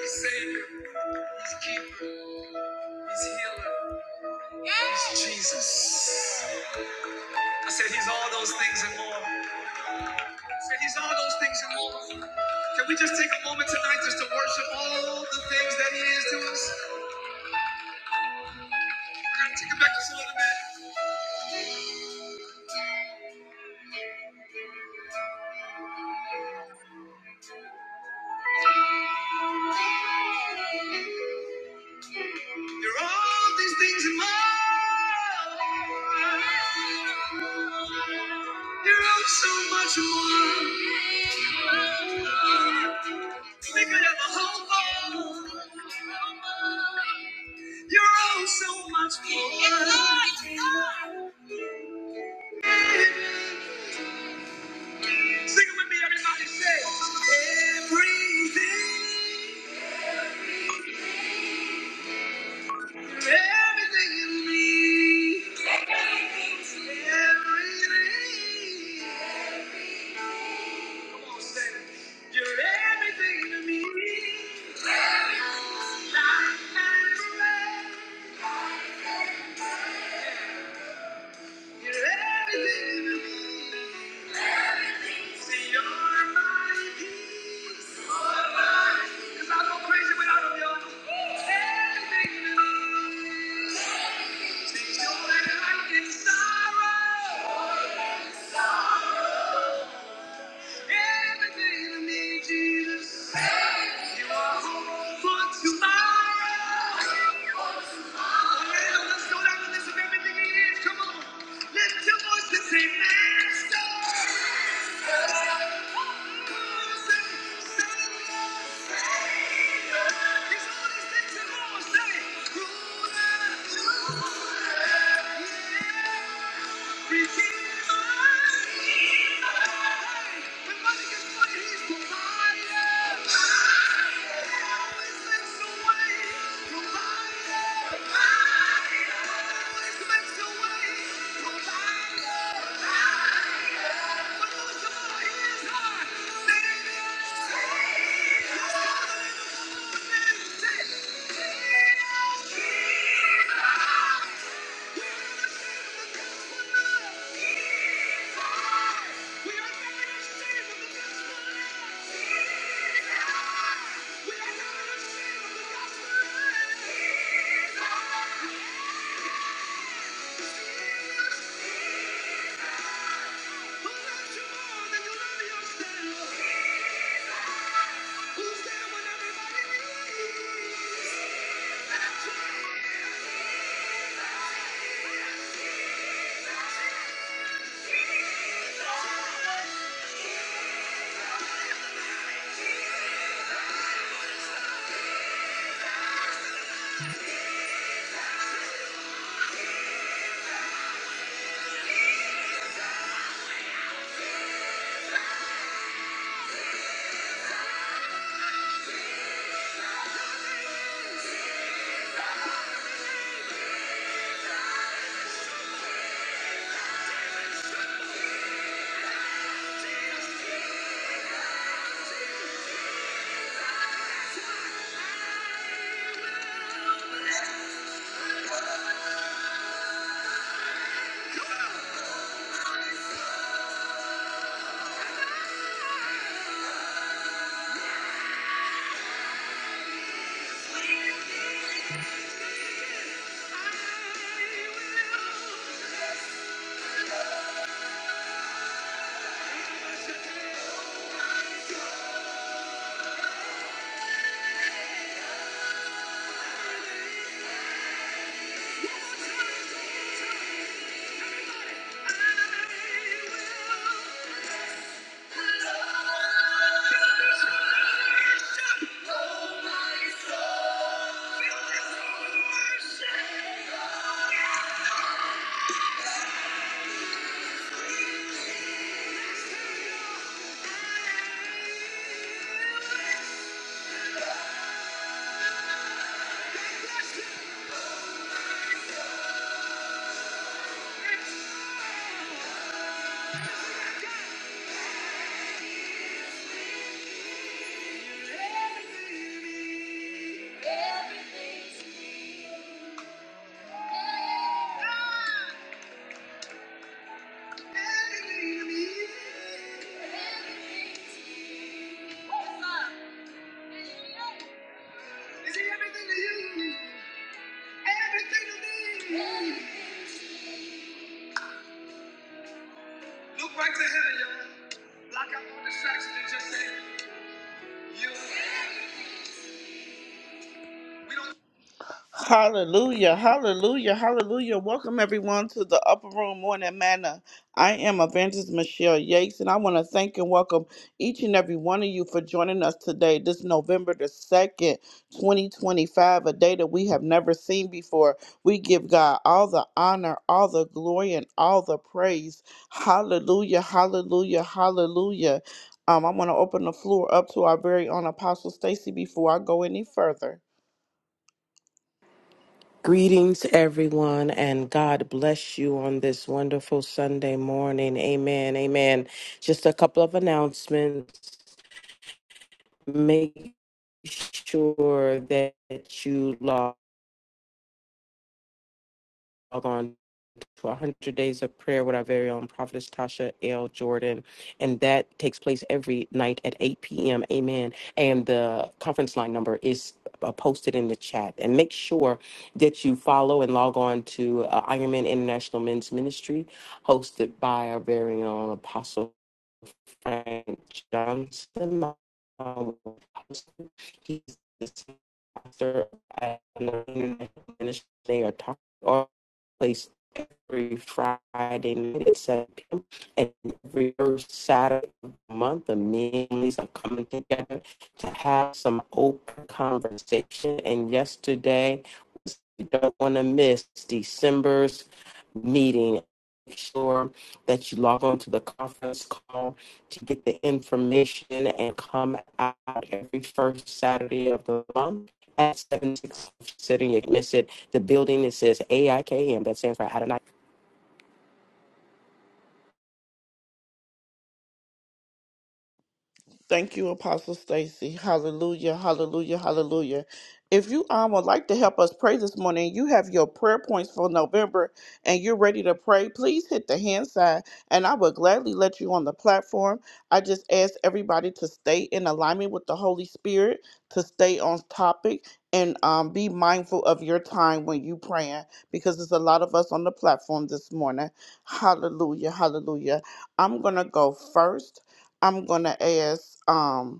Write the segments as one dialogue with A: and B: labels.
A: He's Savior, He's Keeper, He's Healer, He's Jesus. I said He's all those things and more. I said He's all those things and more. Can we just take a moment tonight just to worship all the things that He is to us? Can I take it back just a little bit? There are all these things in my life. There are so much more. We could have a whole world. You're all so much more. Sing it with me, everybody. Say everything. Everything in me. Everything. Come on, say it. You're everything to me. Life and breath. You're everything to me. See, you're my peace. You're my peace. 'Cause I'd go crazy without a y'all. Everything to me. See, joy and light in sorrow. Everything to me, Jesus. You are home for tomorrow. Hallelujah. Let's go down and listen to everything he is. Come on. Lift your voice and say, Master. Come on and say, Son of God, Savior. He's all these things and more. Say, Ruler, Ruler. Yeah provider. provider. provider. provider. Who's there when everybody needs. Oh my worship. Everything to you, everything to me. Look right to heaven, y'all. Block out all distractions and just say, you. We don't. Hallelujah, hallelujah, hallelujah. Welcome everyone to the Upper Room Morning Manna. I am Evangelist Michelle Yates, and I want to thank and welcome each and every one of you for joining us today, this November the 2nd, 2025, a day that we have never seen before. We give God all the honor, all the glory, and all the praise. Hallelujah, hallelujah, hallelujah. Um, I'm going to open the floor up to our very own Apostle Stacy before I go any further.
B: Greetings, everyone, and God bless you on this wonderful Sunday morning. Amen. Amen. Just a couple of announcements. Make sure that you log on to 100 Days of Prayer with our very own prophetess Tasha L. Jordan. And that takes place every night at 8 p.m. Amen. And the conference line number is uh, posted in the chat. And make sure that you follow and log on to uh, Ironman International Men's Ministry, hosted by our very own Apostle Frank Johnson. Um, He's the pastor at Iron Man International Ministry. They are talking every Friday night at 7 p.m. and every first Saturday of the month, the families are coming together to have some open conversation. And yesterday, you don't want to miss December's meeting. Make sure that you log on to the conference call to get the information and come out every first Saturday of the month at 7 6 City. You miss it. The building it says AIKM, that stands for Adonai
A: Thank you, Apostle Stacy. Hallelujah, hallelujah, hallelujah. If you um, would like to help us pray this morning, you have your prayer points for November and you're ready to pray, please hit the hand sign and I will gladly let you on the platform. I just ask everybody to stay in alignment with the Holy Spirit, to stay on topic, and um, be mindful of your time when you praying because there's a lot of us on the platform this morning. Hallelujah, hallelujah. I'm going to go first. I'm gonna ask um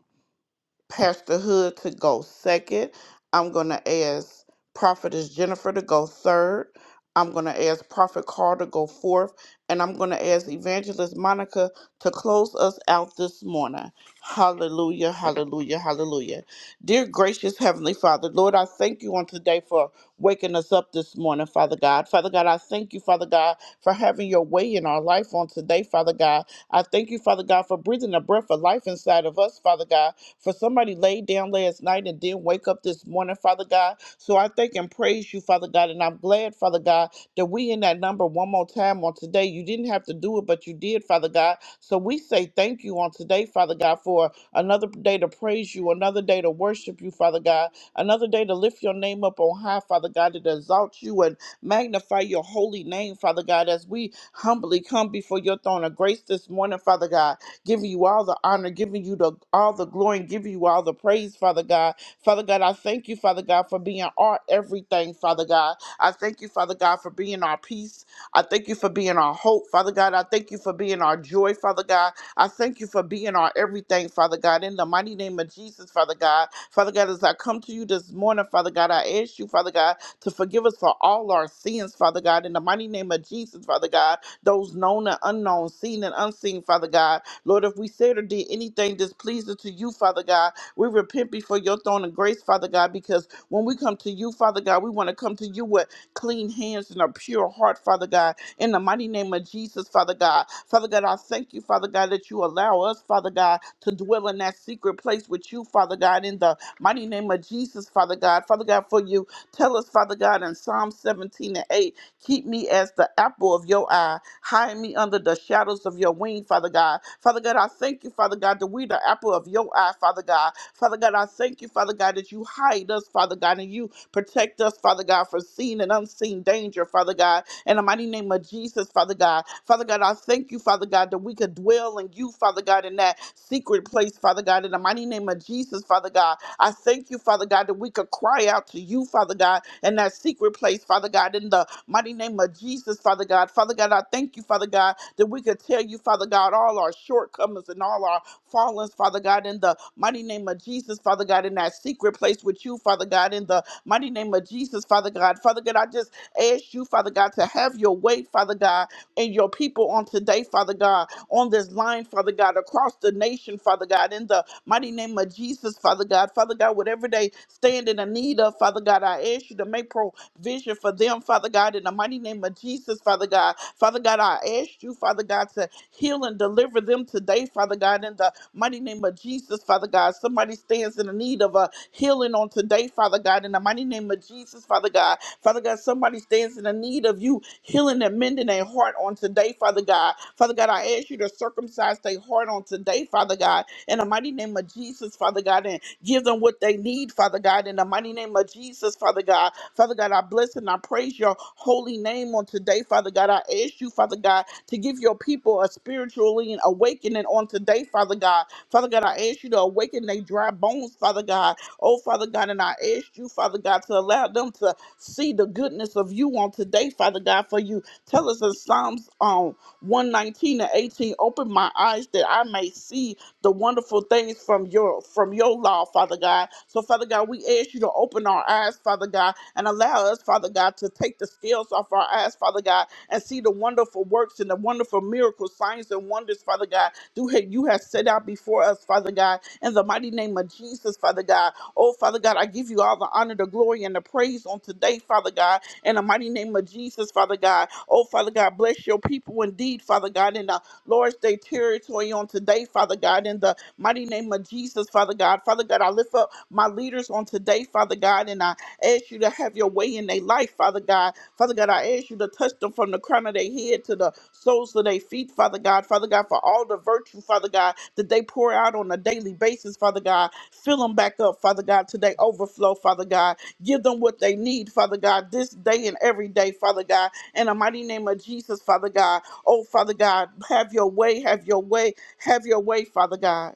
A: Pastor Hood to go second. I'm going to ask Prophetess Jennifer to go third. I'm going to ask Prophet Carl to go fourth. And I'm going to ask Evangelist Monica to close us out this morning. Hallelujah, hallelujah, hallelujah. Dear gracious Heavenly Father, Lord, I thank you on today for waking us up this morning, Father God. Father God, I thank you, Father God, for having your way in our life on today, Father God. I thank you, Father God, for breathing the breath of life inside of us, Father God. For somebody laid down last night and didn't wake up this morning, Father God. So I thank and praise you, Father God. And I'm glad, Father God, that we in that number one more time on today. You didn't have to do it, but you did, Father God. So we say thank you on today, Father God, for another day to praise you, another day to worship you, Father God, another day to lift your name up on high, Father God, to exalt you and magnify your holy name, Father God, as we humbly come before your throne of grace this morning, Father God giving you all the honor, giving you the all the glory, and giving you all the praise, Father God. Father God, I thank you, Father God, for being our everything, Father God. I thank you, Father God, for being our peace. I thank you for being our hope, Father God. I thank you for being our joy, Father God. I thank you for being our everything, Father God. In the mighty name of Jesus, Father God. Father God, as I come to you this morning, Father God, I ask you, Father God, to forgive us for all our sins, Father God. In the mighty name of Jesus, Father God, those known and unknown, seen and unseen, Father God. Lord, if we said or did anything displeasing to you, Father God, we repent before your throne of grace, Father God, because when we come to you, Father God, we want to come to you with clean hands and a pure heart, Father God. In the mighty name of Jesus, Father God. Father God, I thank you, Father God, that you allow us, Father God, to dwell in that secret place with you, Father God, in the mighty name of Jesus, Father God. Father God, for you tell us, Father God, in Psalm 17 and 8, keep me as the apple of your eye. Hide me under the shadows of your wing, Father God. Father God, I thank you, Father God, that we the apple of your eye, Father God. Father God, I thank you, Father God, that you hide us, Father God, and you protect us, Father God, from seen and unseen danger, Father God. In the mighty name of Jesus, Father God. Father God, I thank you, Father God, that we could dwell in you, Father God, in that secret place, Father God. In the mighty name of Jesus, Father God. I thank you, Father God, that we could cry out to you, Father God, in that secret place, Father God, in the mighty name of Jesus, Father God. Father God, I thank you, Father God, that we could tell you, Father God, all our shortcomings and all our fallings, Father God, in the mighty name of Jesus, Father God, in that secret place with you, Father God, in the mighty name of Jesus, Father God. Father God, I just ask you, Father God, to have your way, Father God, and your people on today, Father God on this line, Father God, across the nation, Father God, in the mighty name of Jesus, Father God. Father God, whatever they stand in the need of, Father God, I ask you to make provision for them, Father God, in the mighty name of Jesus, Father God. Father God, I ask you, Father God, to heal and deliver them today, Father God, in the mighty name of Jesus, Father God. Somebody stands in the need of a healing on today, Father God, in the mighty name of Jesus, Father God. Father God, somebody stands in the need of you healing and mending their heart on today, Father God. Father God, I ask you to circumcise their heart on today, Father God, in the mighty name of Jesus, Father God, and give them what they need, Father God, in the mighty name of Jesus, Father God. Father God, I bless and I praise your holy name on today, Father God. I ask you, Father God, to give your people a spiritually awakening on today, Father God. Father God, I ask you to awaken their dry bones, Father God. Oh, Father God, and I ask you, Father God, to allow them to see the goodness of you on today, Father God, for you. Tell us in Psalms um, 119 and 18, open my eyes that I may see the wonderful things from your from your law, Father God. So, Father God, we ask you to open our eyes, Father God, and allow us, Father God, to take the scales off our eyes, Father God, and see the wonderful works and the wonderful miracles, signs and wonders, Father God, do you have set out before us, Father God, in the mighty name of Jesus, Father God. Oh, Father God, I give you all the honor, the glory, and the praise on today, Father God, in the mighty name of Jesus, Father God. Oh, Father God, bless your people indeed, Father God, in the Lord's Day territory on today, Father God, in the mighty name of Jesus, Father God. Father God, I lift up my leaders on today, Father God, and I ask you to have your way in their life, Father God. Father God, I ask you to touch them from the crown of their head to the soles of their feet, Father God. Father God, for all the virtue, Father God, that they pour out on a daily basis, Father God. Fill them back up, Father God, today. Overflow, Father God. Give them what they need, Father God, this day and every day, Father God. In the mighty name of Jesus, Father God. Oh, Father God, have your way, have your way, have your way, Father God.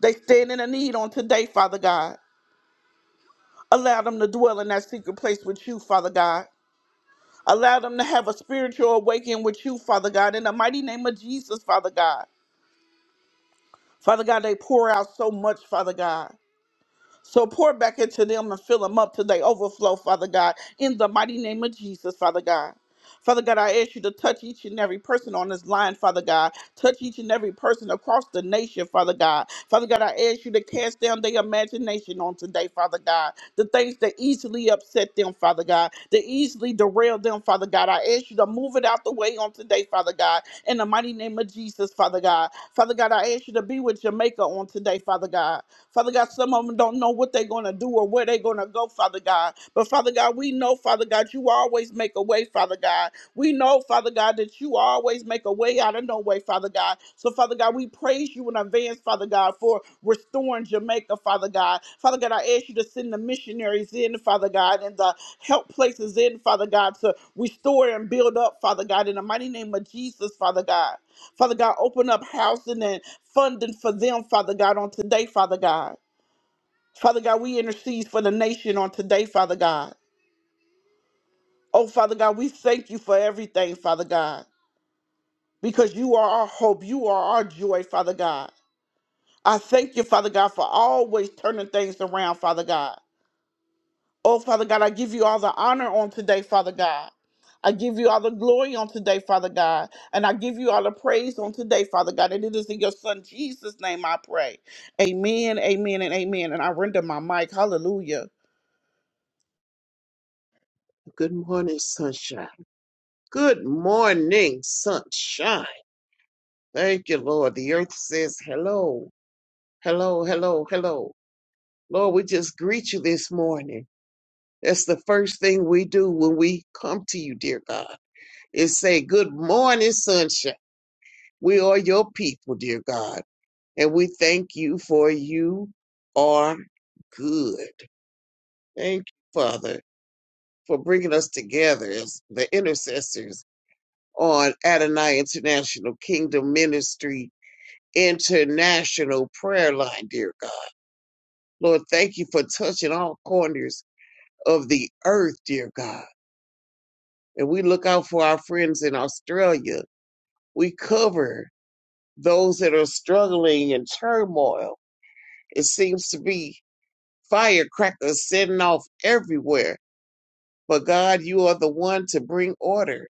A: They stand in a need on today, Father God. Allow them to dwell in that secret place with you, Father God. Allow them to have a spiritual awakening with you, Father God. In the mighty name of Jesus, Father God. Father God, they pour out so much, Father God. So pour back into them and fill them up till they overflow, Father God, in the mighty name of Jesus, Father God. Father God, I ask you to touch each and every person on this line, Father God. Touch each and every person across the nation, Father God. Father God, I ask you to cast down their imagination on today, Father God. The things that easily upset them, Father God, that easily derail them, Father God. I ask you to move it out the way on today, Father God, in the mighty name of Jesus, Father God. Father God, I ask you to be with Jamaica on today, Father God. Father God, some of them don't know what they're going to do or where they're going to go, Father God. But Father God, we know, Father God, you always make a way, Father God. We know, Father God, that you always make a way out of no way, Father God. So, Father God, we praise you in advance, Father God, for restoring Jamaica, Father God. Father God, I ask you to send the missionaries in, Father God, and the help places in, Father God, to restore and build up, Father God, in the mighty name of Jesus, Father God. Father God, open up housing and funding for them, Father God, on today, Father God. Father God, we intercede for the nation on today, Father God. Oh, Father God, we thank you for everything, Father God, because you are our hope. You are our joy, Father God. I thank you, Father God, for always turning things around, Father God. Oh, Father God, I give you all the honor on today, Father God. I give you all the glory on today, Father God. And I give you all the praise on today, Father God. And it is in your Son Jesus' name I pray. Amen, amen, and amen. And I render my mic. Hallelujah.
C: Good morning, sunshine. Good morning, sunshine. Thank you, Lord. The earth says hello, hello, hello, hello. Lord, we just greet you this morning. That's the first thing we do when we come to you, dear God, is say, Good morning, sunshine. We are your people, dear God, and we thank you for you are good. Thank you, Father, for bringing us together as the intercessors on Adonai International Kingdom Ministry International Prayer Line, dear God. Lord, thank you for touching all corners of the earth, dear God. And we look out for our friends in Australia. We cover those that are struggling in turmoil. It seems to be firecrackers setting off everywhere. But God, you are the one to bring order.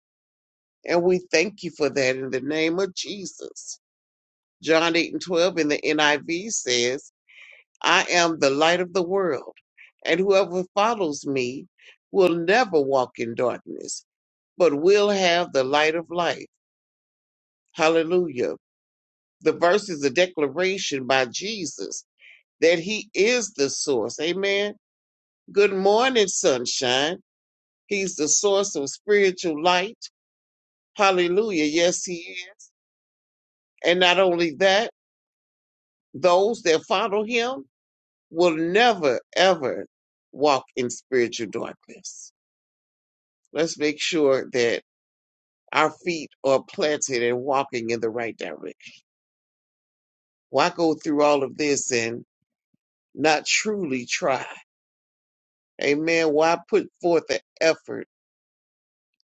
C: And we thank you for that in the name of Jesus. John 8 and 12 in the NIV says, I am the light of the world, and whoever follows me will never walk in darkness, but will have the light of life. Hallelujah. The verse is a declaration by Jesus that he is the source. Amen. Good morning, sunshine. He's the source of spiritual light. Hallelujah. Yes, he is. And not only that, those that follow him, will never, ever walk in spiritual darkness. Let's make sure that our feet are planted and walking in the right direction. Why go through all of this and not truly try? Amen. Why put forth the effort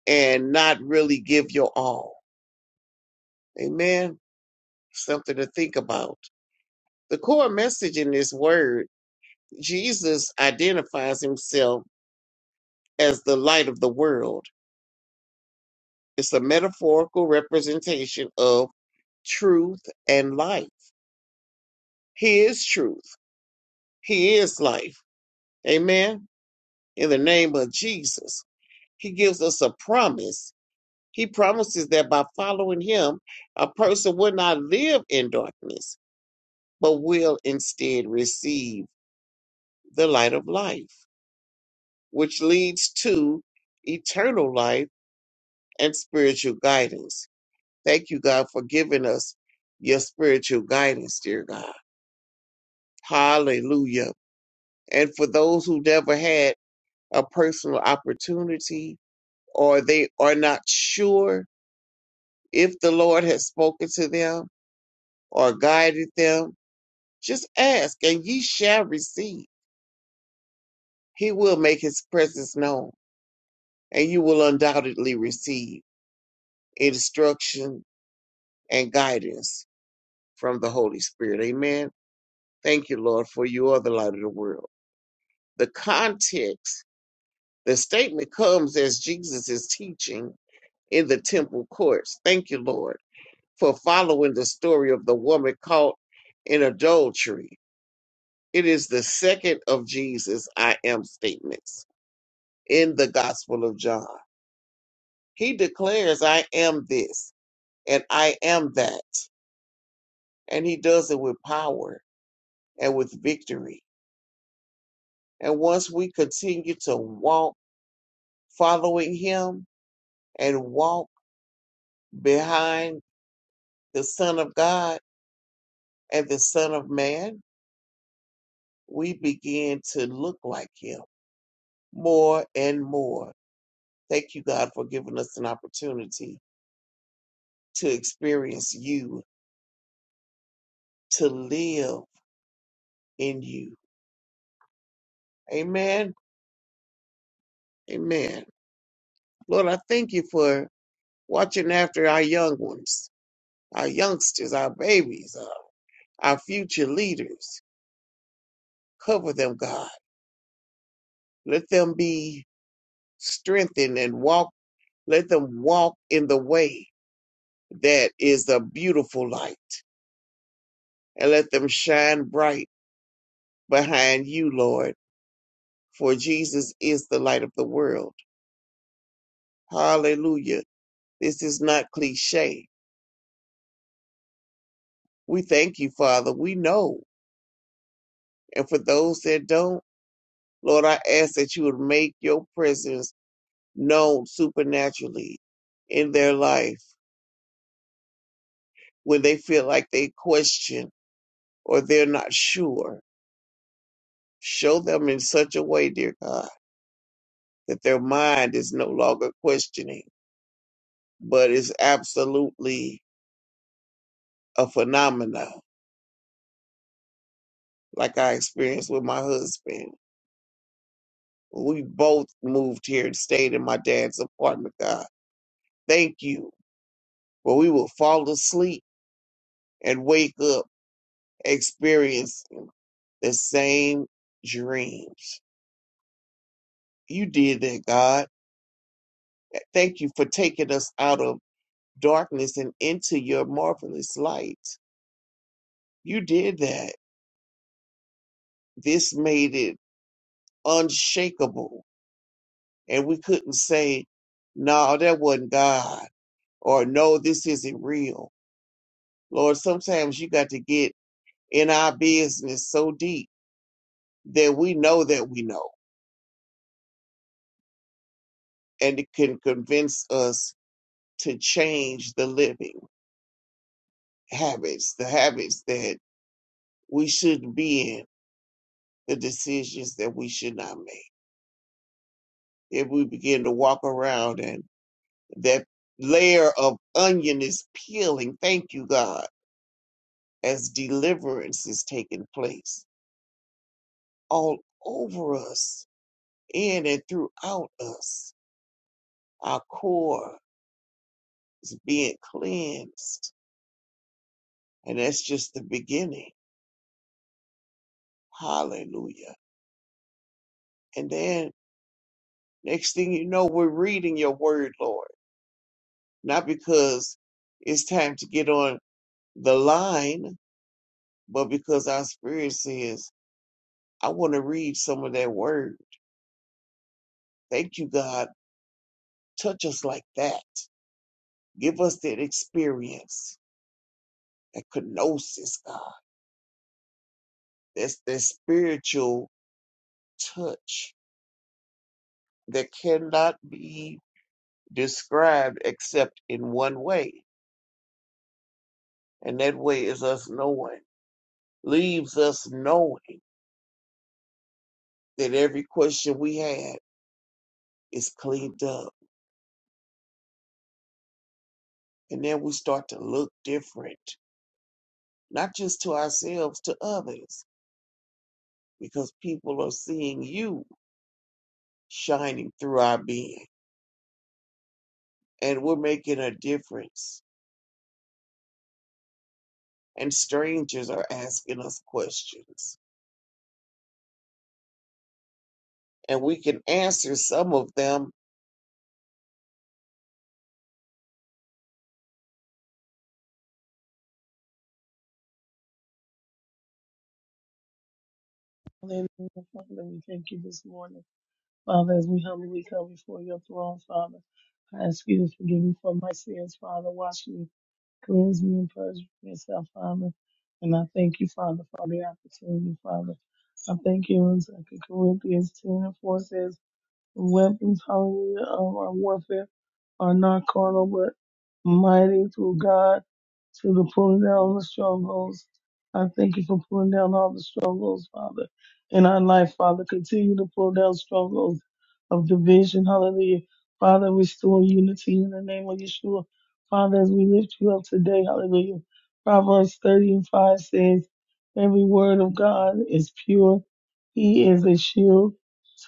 C: and not really give your all? Amen. Something to think about. The core message in this word, Jesus identifies himself as the light of the world. It's a metaphorical representation of truth, and life. He is truth. He is life. Amen. In the name of Jesus, He gives us a promise. He promises that by following Him, a person will not live in darkness, but will instead receive the light of life, which leads to eternal life and spiritual guidance. Thank you, God, for giving us your spiritual guidance, dear God. Hallelujah. And for those who never had, a personal opportunity or they are not sure if the Lord has spoken to them or guided them, just ask and ye shall receive. He will make his presence known and you will undoubtedly receive instruction and guidance from the Holy Spirit. Amen. Thank you, Lord, for you are the light of the world. The context, the statement comes as Jesus is teaching in the temple courts. Thank you, Lord for following the story of the woman caught in adultery. It is the second of Jesus' I am statements in the Gospel of John. He declares, I am this and I am that. And he does it with power and with victory. And once we continue to walk following him and walk behind the Son of God and the Son of Man, we begin to look like him more and more Thank you, God, for giving us an opportunity to experience you, to live in you. Amen. Amen. Lord, I thank you for watching after our young ones, our youngsters, our babies, our, our future leaders. Cover them, God. Let them be strengthened and walk. Let them walk in the way that is a beautiful light and let them shine bright behind you, Lord. For Jesus is the light of the world Hallelujah. This is not cliche. We thank you, Father. We know. And for those that don't, Lord, I ask that you would make your presence known supernaturally in their life when they feel like they question or they're not sure. Show them in such a way, dear God, that their mind is no longer questioning, but is absolutely a phenomena like I experienced with my husband. We both moved here and stayed in my dad's apartment, God. Thank you. But we will fall asleep and wake up experiencing the same dreams. You did that, God. Thank you for taking us out of darkness and into your marvelous light. You did that. This made it unshakable. And we couldn't say, no, that wasn't God, or no, this isn't real. Lord, sometimes you got to get in our business so deep that we know that we know and it can convince us to change the living habits, the habits that we should be in, the decisions that we should not make. If we begin to walk around and that layer of onion is peeling, thank you, God, as deliverance is taking place all over us, in and throughout us. Our core is being cleansed And that's just the beginning. Hallelujah. And then next thing you know, we're reading your word, Lord. Not because it's time to get on the line, but because our spirit says, I want to read some of that word. Thank you, God. Touch us like that. Give us that experience, that kenosis, God. That's that spiritual touch that cannot be described except in one way And that way is us knowing, leaves us knowing that every question we had is cleaned up. And then we start to look different, not just to ourselves, to others, because people are seeing you shining through our being and we're making a difference. And strangers are asking us questions. And we can answer some of them
D: Hallelujah, Father, we thank you this morning. Father, as we humbly come before your throne, Father, I ask you to forgive me for my sins, Father. Wash me, cleanse me, and purge myself, Father. And I thank you, Father, for the opportunity, Father. I thank you in 2 Corinthians 10 and 4 says, weapons, hallelujah, of our warfare are not carnal, but mighty through God to the pulling down of the strongholds. I thank you for pulling down all the strongholds, Father, in our life, Father. Continue to pull down strongholds of division. Hallelujah. Father, restore unity in the name of Yeshua. Father, as we lift you up today, hallelujah. Proverbs 30 and 5 says, Every word of God is pure. He is a shield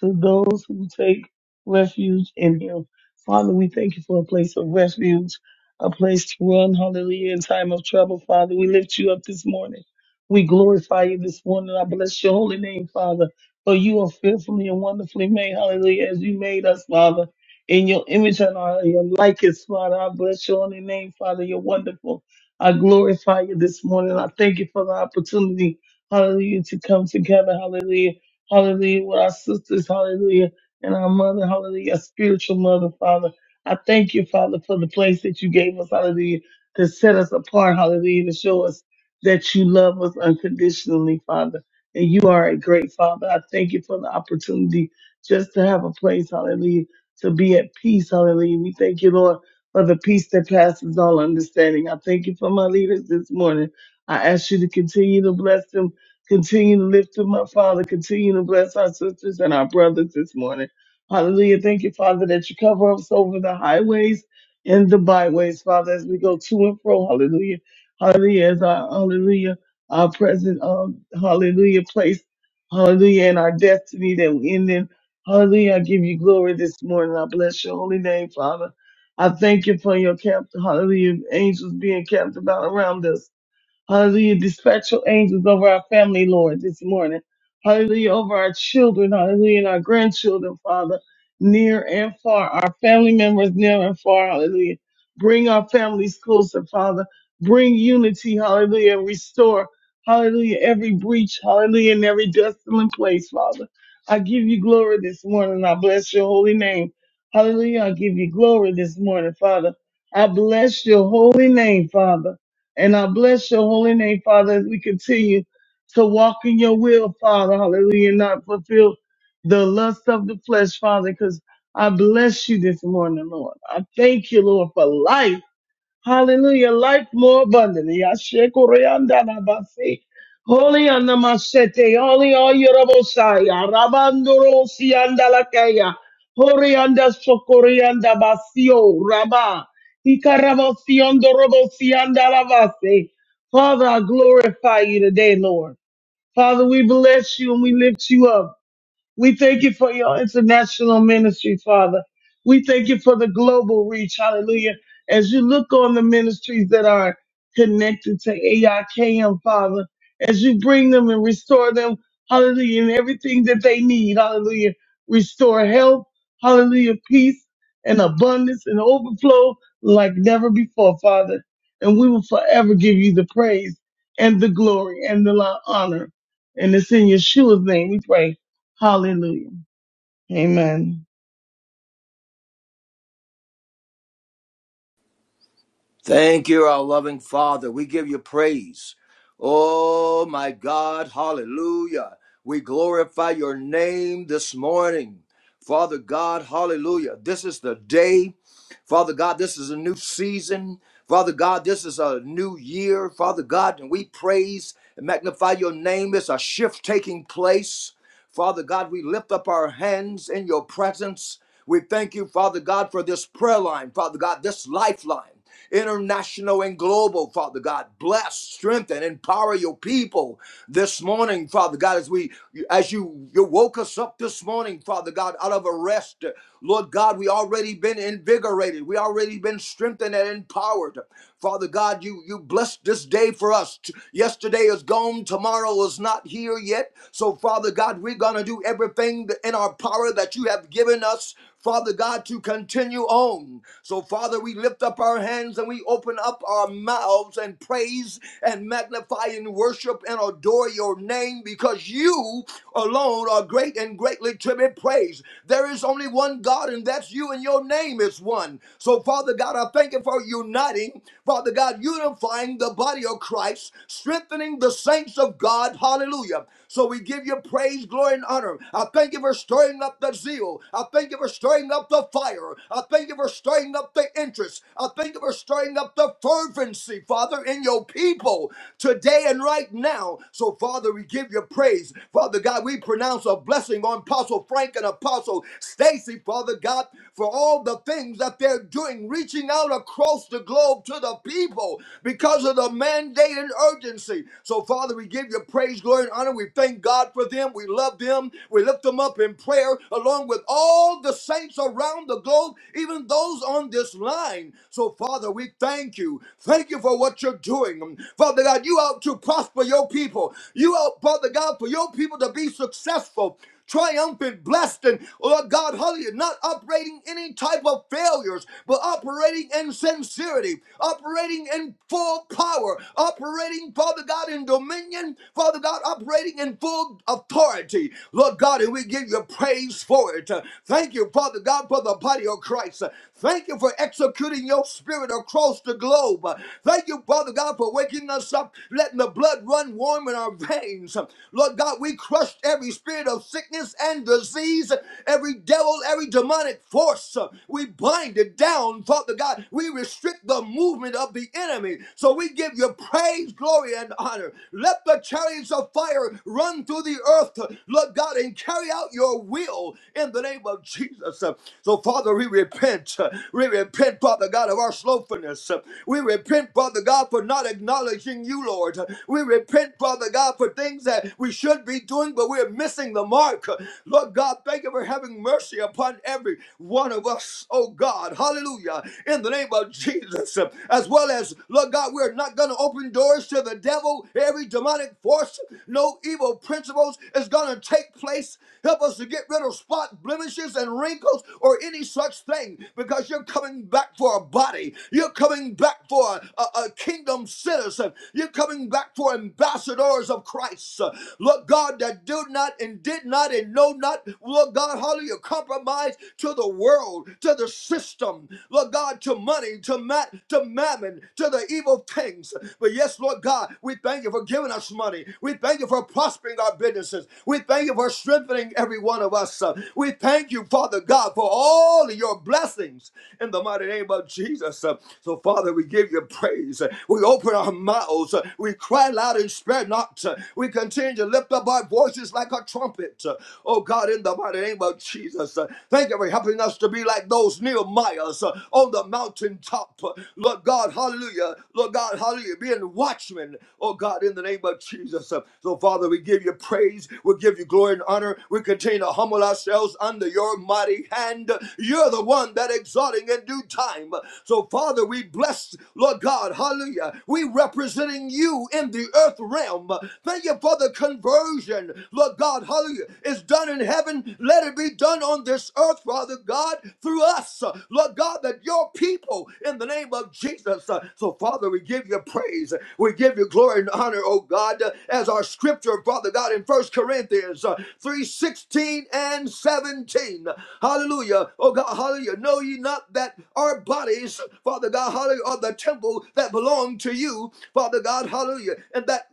D: to those who take refuge in him. Father, we thank you for a place of refuge, a place to run, hallelujah, in time of trouble. Father, we lift you up this morning. We glorify you this morning. I bless your holy name, Father, for you are fearfully and wonderfully made, hallelujah, as you made us, Father. In your image and our, your likeness, Father, I bless your holy name, Father. You're wonderful. I glorify you this morning. I thank you for the opportunity, hallelujah, to come together, hallelujah, hallelujah, with our sisters, hallelujah and our mother, hallelujah, our spiritual mother, Father. I thank you, Father, for the place that you gave us, hallelujah, to set us apart, hallelujah, to show us that you love us unconditionally, Father. And you are a great Father. I thank you for the opportunity just to have a place, hallelujah, to be at peace, hallelujah. We thank you, Lord, for the peace that passes all understanding. I thank you for my leaders this morning. I ask you to continue to bless them, continue to lift them up, Father, continue to bless our sisters and our brothers this morning. Hallelujah. Thank you, Father, that you cover us over the highways and the byways, Father, as we go to and fro. Hallelujah. Hallelujah. As our hallelujah, our present um, hallelujah place. Hallelujah. And our destiny that we end in. Hallelujah. I give you glory this morning. I bless your holy name, Father. I thank you for your captain, hallelujah, angels being camped about around us. Hallelujah. Dispatch your angels over our family, Lord, this morning. Hallelujah. Over our children. Hallelujah. And our grandchildren, Father, near and far. Our family members near and far. Hallelujah. Bring our families closer, Father. Bring unity. Hallelujah. and Restore. Hallelujah. Every breach. Hallelujah. In every desolate place, Father. I give you glory this morning. I bless your holy name. Hallelujah. I give you glory this morning, Father. I bless your holy name, Father. And I bless your holy name, Father, as we continue to walk in your will, Father. Hallelujah. Not fulfill the lust of the flesh, Father, because I bless you this morning, Lord. I thank you, Lord, for life. Hallelujah. Life more abundantly. Yashe koreanda na basi. Holy anamasete. Holy oyerobosaya. Rabandoro sianda lakaya. Horianda sokorianda basio. Rabba. Ikarabosiondo robosianda la base. Father, I glorify you today, Lord. Father, we bless you and we lift you up. We thank you for your international ministry, Father. We thank you for the global reach. Hallelujah. As you look on the ministries that are connected to AIKM, Father, as you bring them and restore them, hallelujah, and everything that they need, hallelujah. Restore health, hallelujah, peace and abundance and overflow like never before, Father. And we will forever give you the praise and the glory and the honor. And it's in Yeshua's name we pray. Hallelujah. Amen.
E: Thank you, our loving Father. We give you praise. Oh, my God. Hallelujah. We glorify your name this morning. Father God, hallelujah. This is the day. Father God, this is a new season. Father God, this is a new year. Father God, and we praise and magnify your name. It's a shift taking place. Father God, we lift up our hands in your presence. We thank you, Father God, for this prayer line, Father God, this lifeline, international and global, Father God. Bless, strengthen, empower your people this morning, Father God, as we as you you woke us up this morning, Father God, out of a rest. Lord God, we already been invigorated. We already been strengthened and empowered. Father God, you you blessed this day for us. T- Yesterday is gone, tomorrow is not here yet. So Father God, we're going to do everything in our power that you have given us. Father God, to continue on. So, Father, we lift up our hands and we open up our mouths and praise and magnify and worship and adore your name because you alone are great and greatly to be praised. There is only one one God, and that's you, and your name is one. So, Father God, I thank you for uniting, Father God, unifying the body of Christ, strengthening the saints of God. Hallelujah. So we give you praise, glory, and honor. I thank you for stirring up the zeal. I thank you for stirring up the fire. I thank you for stirring up the interest. I thank you for stirring up the fervency, Father, in your people today and right now. So, Father, we give you praise. Father God, we pronounce a blessing on Apostle Frank and Apostle Stacy. Stacy, Father God, for all the things that they're doing, reaching out across the globe to the people because of the mandate and urgency. So, Father, we give you praise, glory, and honor. We thank God for them. We love them. We lift them up in prayer along with all the saints around the globe, even those on this line. So, Father, we thank you. Thank you for what you're doing. Father God, you out to prosper your people. You out, Father God, for your people to be successful triumphant, blessed, and Lord God, hallelujah, not operating any type of failures, but operating in sincerity, operating in full power, operating, Father God, in dominion, Father God, operating in full authority, Lord God, and we give you praise for it. Thank you, Father God, for the body of Christ. Thank you for executing your spirit across the globe. Thank you, Father God, for waking us up, letting the blood run warm in our veins. Lord God, we crushed every spirit of sickness sickness and disease, every devil, every demonic force. uh, We bind it down, Father God. We restrict the movement of the enemy. So we give you praise, glory, and honor. Let the chariots of fire run through the earth, uh, Lord God, and carry out your will in the name of Jesus. Uh, So, Father, we repent. uh, We repent, Father God, of our slothfulness. Uh, We repent, Father God, for not acknowledging you, Lord. Uh, We repent, Father God, for things that we should be doing, but we're missing the mark work. Lord God, thank you for having mercy upon every one of us, oh God. Hallelujah. In the name of Jesus. As well as, Lord God, we're not going to open doors to the devil. Every demonic force, no evil principles is going to take place. Help us to get rid of spot blemishes and wrinkles or any such thing because you're coming back for a body. You're coming back for a, a kingdom citizen. You're coming back for ambassadors of Christ. Lord God, that do not and did not God, and know not, Lord God, hallelujah, compromise to the world, to the system, Lord God, to money, to mat, to mammon, to the evil things. But yes, Lord God, we thank you for giving us money. We thank you for prospering our businesses. We thank you for strengthening every one of us. Uh, We thank you, Father God, for all of your blessings in the mighty name of Jesus. Uh, So, Father, we give you praise. Uh, We open our mouths. Uh, We cry loud and spare not. Uh, We continue to lift up our voices like a trumpet it. Uh, Oh God, in the mighty name of Jesus, uh, thank you for helping us to be like those Nehemiahs uh, on the mountaintop. Uh, Lord God, hallelujah. Lord God, hallelujah. Being watchmen, oh God, in the name of Jesus. Uh, So, Father, we give you praise. We give you glory and honor. We continue to humble ourselves under your mighty hand. You're the one that exalting in due time. So, Father, we bless, Lord God, hallelujah. We representing you in the earth realm. Thank you for the conversion, Lord God, hallelujah is done in heaven, let it be done on this earth, Father God, through us. Uh, Lord God, that your people in the name of Jesus. Uh, So, Father, we give you praise. We give you glory and honor, oh God, uh, as our scripture, Father God, in First Corinthians three, sixteen and 17. Hallelujah. Oh God, hallelujah. Know ye not that our bodies, Father God, hallelujah, are the temple that belong to you, Father God, hallelujah. And that,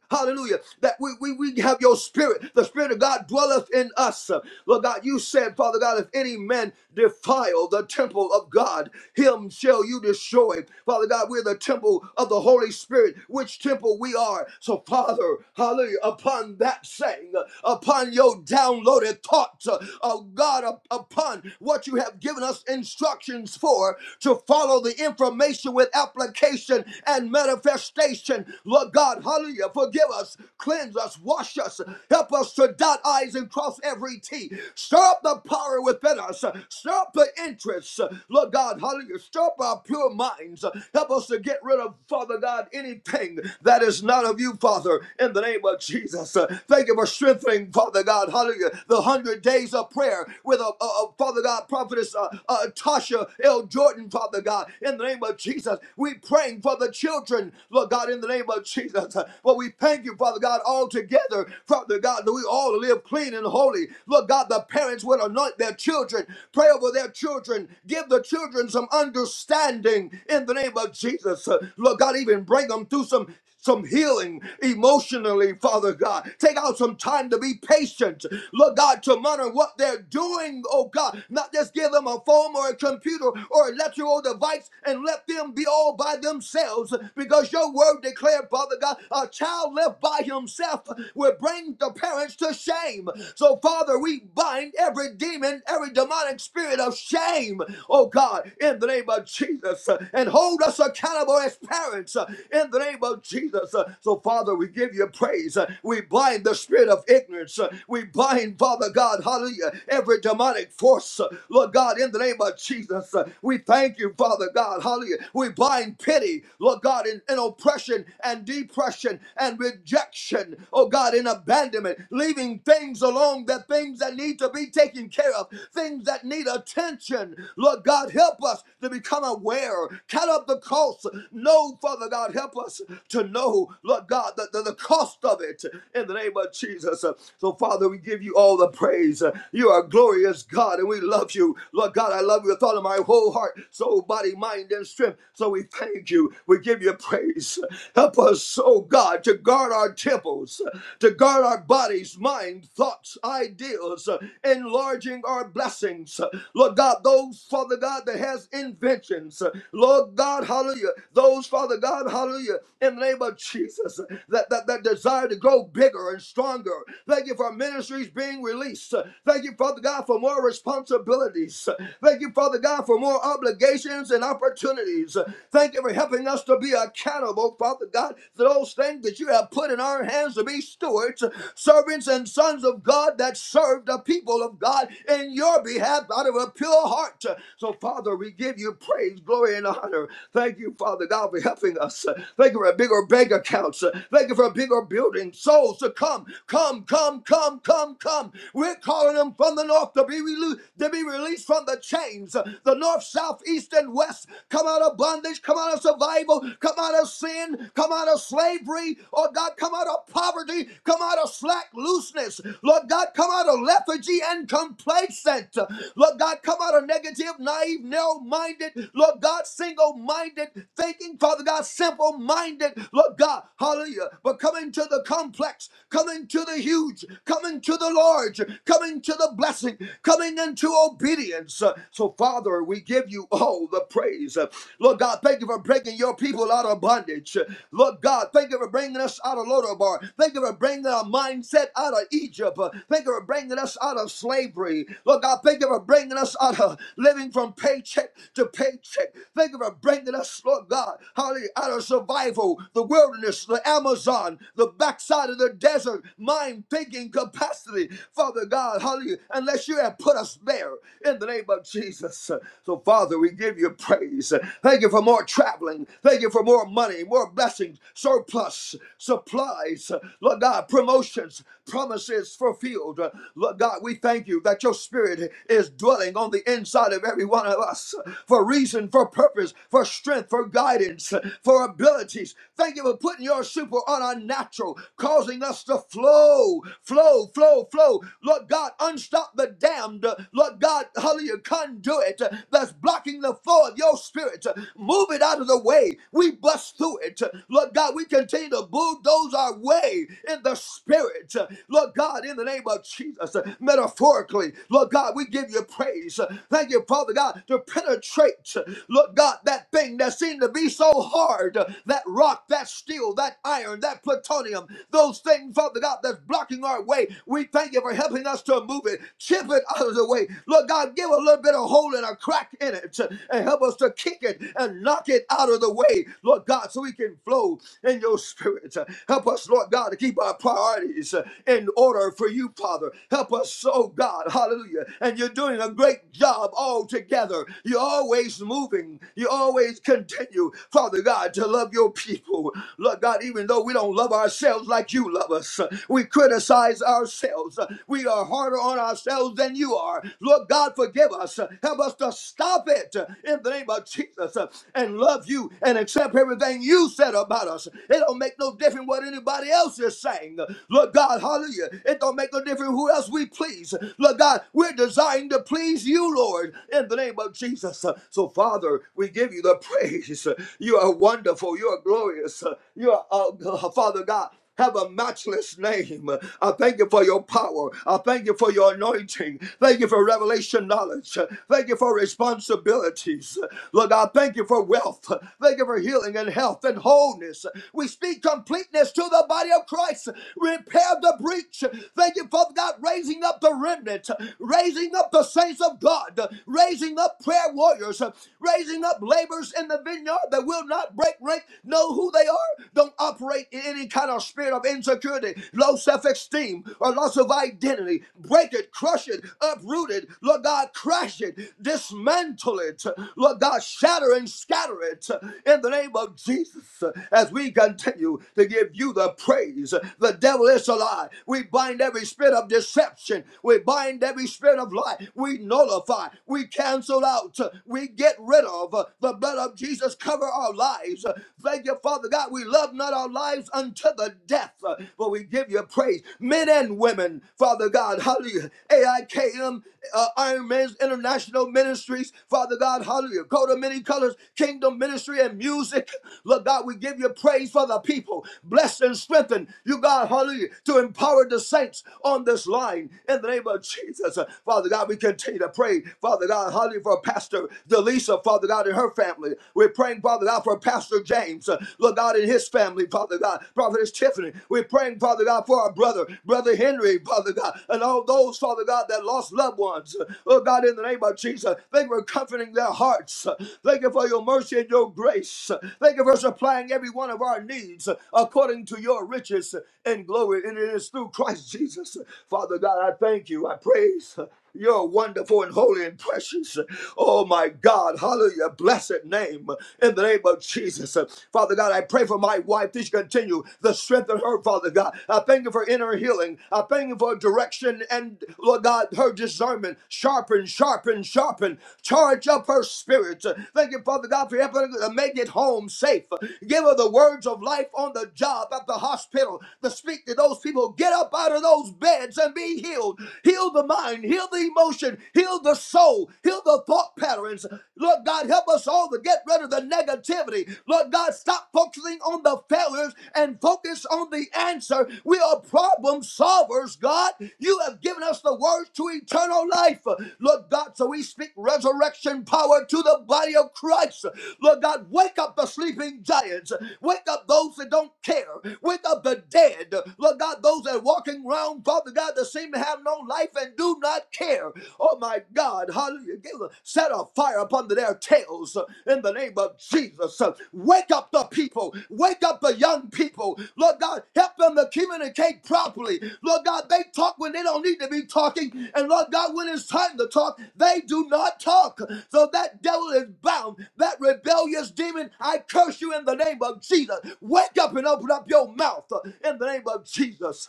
E: hallelujah, that we, we, we have your spirit, the spirit of God. God, dwelleth in us. Lord God, you said, Father God, if any man defile the temple of God, him shall you destroy. Father God, we're the temple of the Holy Spirit, which temple we are. So, Father, hallelujah, upon that saying, upon your downloaded thoughts, uh, oh God, up- upon what you have given us instructions for, to follow the information with application and manifestation. Lord God, hallelujah, forgive us, cleanse us, wash us, help us to die dot I's and cross every T. Stir up the power within us. Stir up the interests. Lord God, hallelujah. Stir up our pure minds. Help us to get rid of, Father God, anything that is not of you, Father, in the name of Jesus. Thank you for strengthening, Father God, hallelujah, the hundred days of prayer with a, a, a Father God, prophetess uh, uh, Tasha L. Jordan, Father God, in the name of Jesus. We praying for the children, Lord God, in the name of Jesus. But well, we thank you, Father God, all together, Father God, that we all to live clean and holy. Lord God, the parents would anoint their children, pray over their children, give the children some understanding in the name of Jesus. Uh, Lord God, even bring them through some some healing emotionally, Father God. Take out some time to be patient. Lord God, to monitor what they're doing, oh God. Not just give them a phone or a computer or an electrical device and let them be all by themselves. Because your word declared, Father God, a child left by himself will bring the parents to shame. So, Father, we bind every demon, every demonic spirit of shame, oh God, in the name of Jesus, uh, and hold us accountable as parents uh, in the name of Jesus. Uh, So, Father, we give you praise. Uh, We bind the spirit of ignorance. Uh, We bind, Father God, hallelujah, every demonic force, uh, Lord God, in the name of Jesus. Uh, We thank you, Father God, hallelujah. We bind pity, Lord God, in, in oppression and depression and rejection, oh God, in abandonment, leaving moving things along, the things that need to be taken care of, things that need attention. Lord God, help us to become aware, count up the cost. No, Father God, help us to know, Lord God, the, the, the cost of it in the name of Jesus. So, Father, we give you all the praise. You are a glorious God, and we love you. Lord God, I love you with all of my whole heart, soul, body, mind, and strength. So we thank you. We give you praise. Help us, oh God, to guard our temples, to guard our bodies, mind mind, thoughts, ideas, uh, enlarging our blessings. Uh, Lord God, those, Father God, that has inventions. uh, Lord God, hallelujah. Those, Father God, hallelujah, in the name of Jesus, uh, that, that, that desire to grow bigger and stronger. Thank you for ministries being released. Uh, Thank you, Father God, for more responsibilities. Uh, Thank you, Father God, for more obligations and opportunities. Uh, Thank you for helping us to be accountable, Father God, for those things that you have put in our hands to be stewards, servants, and and sons of God that serve the people of God in your behalf out of a pure heart. So, Father, we give you praise, glory, and honor. Thank you, Father God, for helping us. Thank you for bigger bank accounts. Thank you for bigger building souls to come, come, come, come, come, come. We're calling them from the north to be, relo- to be released from the chains, the north, south, east, and west. Come out of bondage, come out of survival, come out of sin, come out of slavery. Oh God, come out of poverty, come out of slack loose useless. Lord God, come out of lethargy and complacent. Lord God, come out of negative, naive, narrow minded. Lord God, single minded thinking, Father God, simple minded. Lord God, hallelujah. But coming to the complex, coming to the huge, coming to the large, coming to the blessing, coming into obedience. So, Father, we give you all the praise. Lord God, thank you for breaking your people out of bondage. Lord God, thank you for bringing us out of Lodabar. Thank you for bringing our mindset out of out of Egypt. Uh, Thank you for bringing us out of slavery. Lord God, thank you for bringing us out of living from paycheck to paycheck. Thank you for bringing us, Lord God, hallelujah, out of survival, the wilderness, the Amazon, the backside of the desert, mind thinking capacity. Father God, hallelujah, unless you have put us there in the name of Jesus. So, Father, we give you praise. Thank you for more traveling. Thank you for more money, more blessings, surplus, supplies, Lord God, promotions, promises fulfilled. Uh, Lord God, we thank you that your spirit is dwelling on the inside of every one of us uh, for reason, for purpose, for strength, for guidance, uh, for abilities. Thank you for putting your super on our natural, causing us to flow, flow, flow, flow. Lord God, unstop the damned. Uh, Lord God, hallelujah, conduit uh, that's blocking the flow of your spirit. Uh, Move it out of the way. We bust through it. Uh, Lord God, we continue to bulldoze our way in the spirit. Lord God, in the name of Jesus, uh, metaphorically, Lord God, we give you praise. Uh, Thank you, Father God, to penetrate, uh, Lord God, that thing that seemed to be so hard, uh, that rock, that steel, that iron, that plutonium, those things, Father God, that's blocking our way. We thank you for helping us to move it, chip it out of the way. Lord God, give a little bit of hole and a crack in it uh, and help us to kick it and knock it out of the way, Lord God, so we can flow in your spirit. Uh, Help us, Lord God, to keep our priorities. uh, in order for you, Father. Help us, oh God, hallelujah. And you're doing a great job altogether. You're always moving. You always continue, Father God, to love your people. Lord God, even though we don't love ourselves like you love us, we criticize ourselves. We are harder on ourselves than you are. Lord God, forgive us. Help us to stop it in the name of Jesus and love you and accept everything you said about us. It don't make no difference what anybody else is saying. Lord God, God, hallelujah. It don't make no difference who else we please. Lord God, we're desiring to please you, Lord, in the name of Jesus. So, Father, we give you the praise. You are wonderful. You are glorious. You are, uh, Father God, have a matchless name. I thank you for your power. I thank you for your anointing. Thank you for revelation knowledge. Thank you for responsibilities. Lord God, thank you for wealth. Thank you for healing and health and wholeness. We speak completeness to the body of Christ. Repair the the breach. Thank you Father God raising up the remnant, raising up the saints of God, raising up prayer warriors, raising up laborers in the vineyard that will not break rank, know who they are, don't operate in any kind of spirit of insecurity, low self esteem, or loss of identity. Break it, crush it, uproot it, Lord God, crash it, dismantle it, Lord God, shatter and scatter it in the name of Jesus as we continue to give you the praise. The devil is alive. God. We bind every spirit of deception. We bind every spirit of lie. We nullify. We cancel out. We get rid of. The blood of Jesus cover our lives. Thank you, Father God. We love not our lives unto the death, but we give you praise. Men and women, Father God, hallelujah. AIKM, uh, Iron Man's International Ministries, Father God, hallelujah. Go to many colors, Kingdom Ministry and music. Lord God, we give you praise for the people. Bless and strengthen you, God, hallelujah. To Empower the saints on this line in the name of Jesus. Uh, Father God, we continue to pray. Father God, hallelujah for Pastor Delisa, Father God, and her family. We're praying, Father God, for Pastor James, uh, Lord God, and his family, Father God. Prophetess Tiffany, we're praying, Father God, for our brother, Brother Henry, Father God, and all those, Father God, that lost loved ones. Lord God, in the name of Jesus, thank you for comforting their hearts. Uh, Thank you for your mercy and your grace. Uh, Thank you for supplying every one of our needs uh, according to your riches and glory. in his is through Christ Jesus. Father God, I thank you. I praise your wonderful and holy and precious. Oh my God, hallelujah. Blessed name in the name of Jesus. Father God, I pray for my wife that you continue the strength of her, Father God. I thank you for inner healing. I thank you for direction and, Lord God, her discernment. Sharpen, sharpen, sharpen. Charge up her spirit. Thank you, Father God, for helping her to make it home safe. Give her the words of life on the job, at the hospital, to speak to those people people get up out of those beds and be healed. Heal the mind, heal the emotion, heal the soul, heal the thought patterns. Lord God, help us all to get rid of the negativity. Lord God, stop focusing on the failures and focus on the answer. We are problem solvers, God. You have given us the words to eternal life. Lord God, so we speak resurrection power to the body of Christ. Lord God, wake up the sleeping giants. Wake up those that don't care. Wake up the dead. Lord God, those those that are walking around, Father God, that seem to have no life and do not care. Oh my God, hallelujah. Give a, set a fire upon their tails uh, in the name of Jesus. Uh, Wake up the people. Wake up the young people. Lord God, help them to communicate properly. Lord God, they talk when they don't need to be talking. And Lord God, when it's time to talk, they do not talk. So that devil is bound. That rebellious demon, I curse you in the name of Jesus. Wake up and open up your mouth uh, in the name of Jesus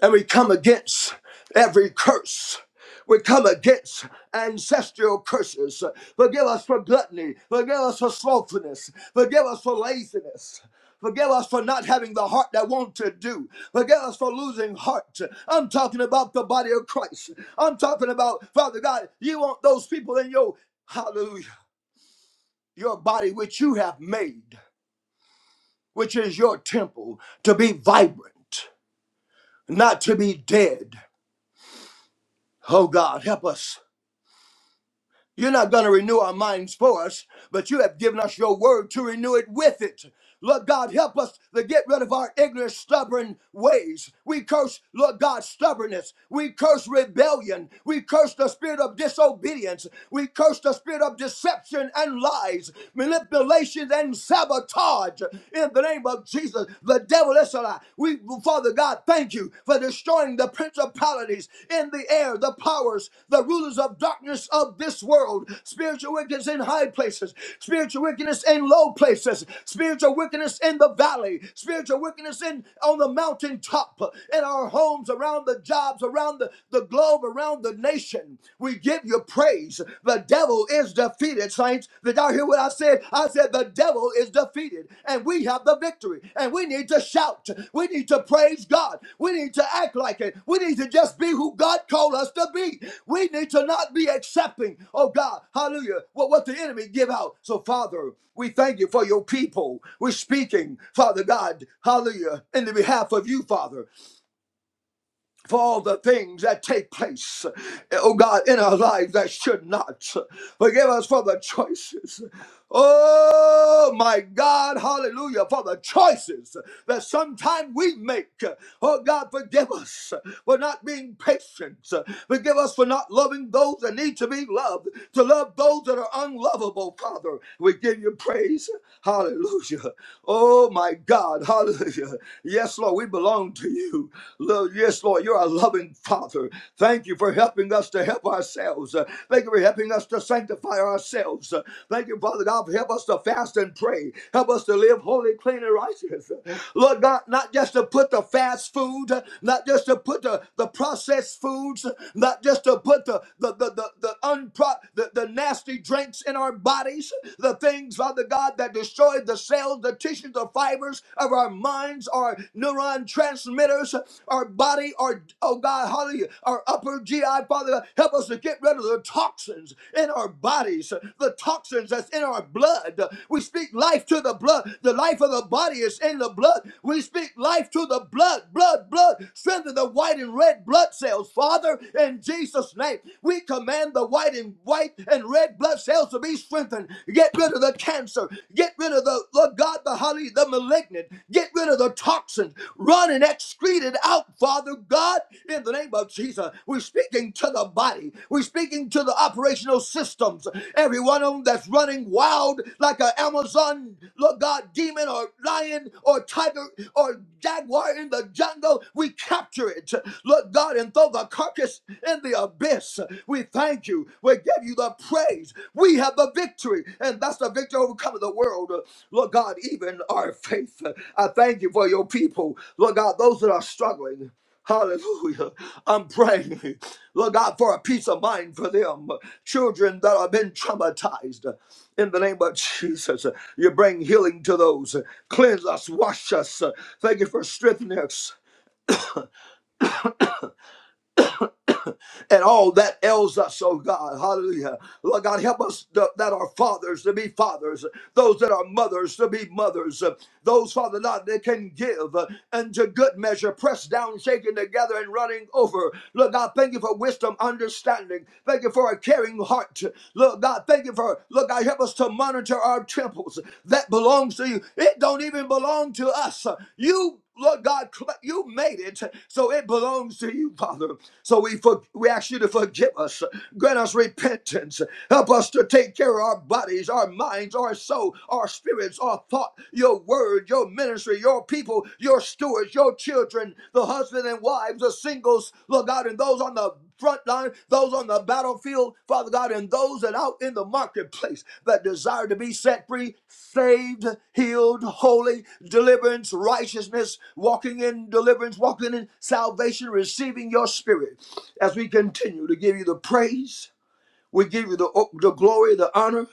E: and we come against every curse. We come against ancestral curses. Forgive us for gluttony. Forgive us for slothfulness. Forgive us for laziness. Forgive us for not having the heart that want to do. Forgive us for losing heart. I'm talking about the body of Christ. I'm talking about, Father God, you want those people in your, hallelujah, your body which you have made, which is your temple, to be vibrant, not to be dead. Oh God, help us You're not going to renew our minds for us, but you have given us your word to renew it with it. Lord God, help us to get rid of our ignorant, stubborn ways. We curse, Lord God, stubbornness. We curse rebellion. We curse the spirit of disobedience. We curse the spirit of deception and lies, manipulations and sabotage. In the name of Jesus, the devil is a lie. We we, Father God, thank you for destroying the principalities in the air, the powers, the rulers of darkness of this world, spiritual wickedness in high places, spiritual wickedness in low places, spiritual wickedness in the valley, spiritual wickedness in on the mountaintop, in our homes, around the jobs, around the, the globe, around the nation. We give you praise. The devil is defeated defeated, saints. Did y'all hear what I said? I said the devil is defeated and we have the victory. And we need to shout. We need to praise God. We need to act like it. We need to just be who God called us to be. We need to not be accepting, oh God, hallelujah, what, what the enemy give out. So, Father, we thank you for your people. We're speaking, Father God, hallelujah, in the behalf of you, Father for all the things that take place, oh God, in our lives that should not. Forgive us for the choices. Oh my God, hallelujah, for the choices that sometimes we make. Oh God, forgive us for not being patient. Forgive us for not loving those that need to be loved, to love those that are unlovable, Father. We give you praise. Hallelujah. Oh my God, hallelujah. Hallelujah. Yes, Lord, we belong to you. Lord, yes, Lord, you're our loving Father. Thank you for helping us to help ourselves. Uh, Thank you for helping us to sanctify ourselves. Uh, Thank you, Father God, for help us to fast and pray. Help us to live holy, clean, and righteous. Uh, Lord God, not just to put the fast food, uh, not just to put the, the processed foods, uh, not just to put the the the the, the, unpro- the the nasty drinks in our bodies, the things, Father God that destroys the cells, the tissues, the fibers of our minds, our neuron transmitters, our body, our, oh God, hallelujah, our upper GI, Father, help us to get rid of the toxins in our bodies, the toxins that's in our blood. We speak life to the blood. The life of the body is in the blood. We speak life to the blood, blood, blood. Strengthen the white and red blood cells, Father, in Jesus' name. We command the white and white and and red blood cells to be strengthened. Get rid of the cancer. Get rid of the, Lord God, the Holy the malignant. Get rid of the toxins. Run and excrete it out, Father God, in the name of Jesus. We're speaking to the body. We're speaking to the operational systems. Every one of them that's running wild like an Amazon, Lord God, demon or lion or tiger or jaguar in the jungle, we capture it. Lord God, and throw the carcass exist in the abyss. We thank you. We give you the praise. We have the victory, and that's the victory overcoming the world. Lord God, even our faith. I thank you for your people. Lord God, those that are struggling. Hallelujah. I'm praying, Lord God, for a peace of mind for them. Children that have been traumatized. In the name of Jesus, you bring healing to those. Cleanse us, wash us. Thank you for strengthening us. and all that ails us, oh God. Hallelujah. Lord God, help us th- that are fathers to be fathers, those that are mothers to be mothers, those, Father God, that can give uh, and good measure, pressed down, shaken together, and running over. Lord God, thank you for wisdom, understanding. Thank you for a caring heart. Lord God, thank you for, Lord God, help us to monitor our temples. That belongs to you. It don't even belong to us. You Lord God, you made it, so it belongs to you, Father. So we for, we ask you to forgive us, grant us repentance, help us to take care of our bodies, our minds, our soul, our spirits, our thought, your word, your ministry, your people, your stewards, your children, the husband and wives, the singles, Lord God, and those on the front line, those on the battlefield, Father God, and those that out in the marketplace that desire to be set free, saved, healed, holy, deliverance, righteousness, walking in deliverance, walking in salvation, receiving your spirit. As we continue to give you the praise, we give you the, the glory, the honor.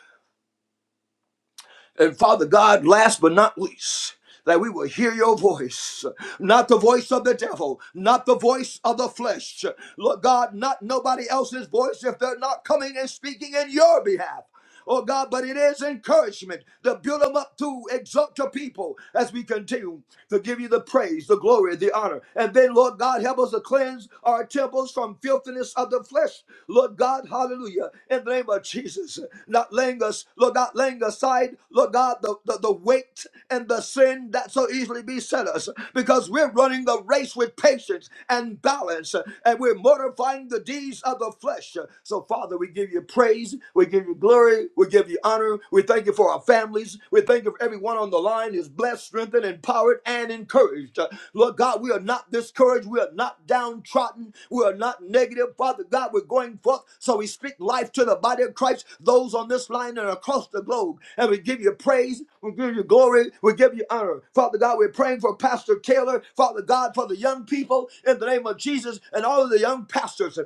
E: And Father God, last but not least, that we will hear your voice, not the voice of the devil, not the voice of the flesh. Lord God, not nobody else's voice if they're not coming and speaking in your behalf. Oh God, but it is encouragement to build them up to exalt your people as we continue to give you the praise, the glory, the honor. And then, Lord God, help us to cleanse our temples devils from filthiness of the flesh. Lord God, hallelujah. In the name of Jesus, not laying us, Lord, not laying aside, Lord God, the, the, the weight and the sin that so easily beset us because we're running the race with patience and balance and we're mortifying the deeds of the flesh. So, Father, we give you praise, we give you glory, we give you honor, we thank you for our families, we thank you for every everyone on the line is blessed, strengthened, empowered, and encouraged. Uh, Lord God, we are not discouraged. We are not downtrodden. We are not negative. Father God, we're going forth. So we speak life to the body of Christ, those on this line and across the globe. And we give you praise. We give you glory. We give you honor. Father God, we're praying for Pastor Taylor. Father God, for the young people in the name of Jesus and all of the young pastors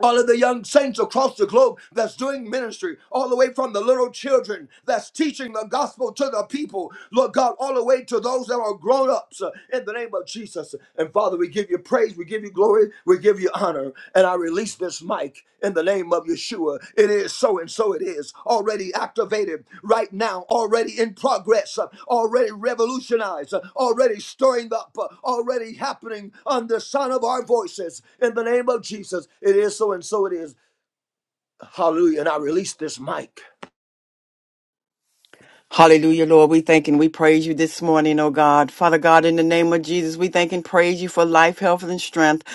E: all of the young saints across the globe that's doing ministry, all the way from the little children that's teaching the gospel to the people, Lord God, all the way to those that are grown ups uh, in the name of Jesus. And Father, we give you praise, we give you glory, we give you honor. And I release this mic like, in the name of Yeshua. It is so and so it is. Already activated right now, already in progress, uh, already revolutionized, uh, already stirring up, uh, already happening on the sound of our voices. In the name of Jesus, it is so and so it is. Hallelujah. And I release this mic.
F: Hallelujah, Lord. We thank and we praise you this morning, oh God. Father God, in the name of Jesus, we thank and praise you for life, health, and strength.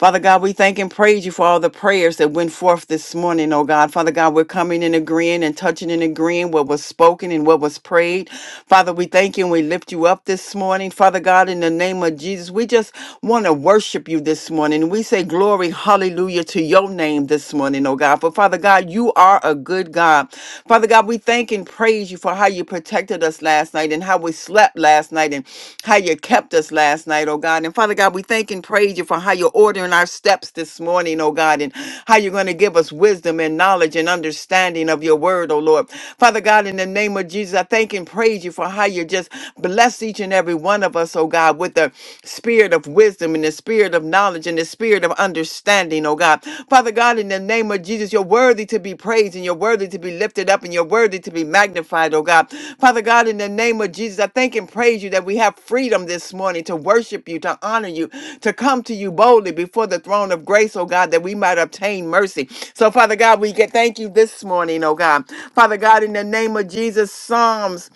F: Father God, we thank and praise you for all the prayers that went forth this morning, oh God. Father God, we're coming and agreeing and touching and agreeing what was spoken and what was prayed. Father, we thank you and we lift you up this morning. Father God, in the name of Jesus, we just want to worship you this morning. We say glory, hallelujah to your name this morning morning, oh God. But Father God, you are a good God. Father God, we thank and praise you for how you protected us last night and how we slept last night and how you kept us last night, oh God. And Father God, we thank and praise you for how you're ordering our steps this morning, oh God, and how you're going to give us wisdom and knowledge and understanding of your word, oh Lord. Father God, in the name of Jesus, I thank and praise you for how you just bless each and every one of us, oh God, with the spirit of of wisdom, in the spirit of knowledge, in the spirit of understanding, oh God. Father God, in the name of Jesus, you're worthy to be praised and you're worthy to be lifted up and you're worthy to be magnified, oh God. Father God, in the name of Jesus, I thank and praise you that we have freedom this morning to worship you, to honor you, to come to you boldly before the throne of grace, oh God, that we might obtain mercy. So, Father God, we get thank you this morning, oh God. Father God, in the name of Jesus, Psalms.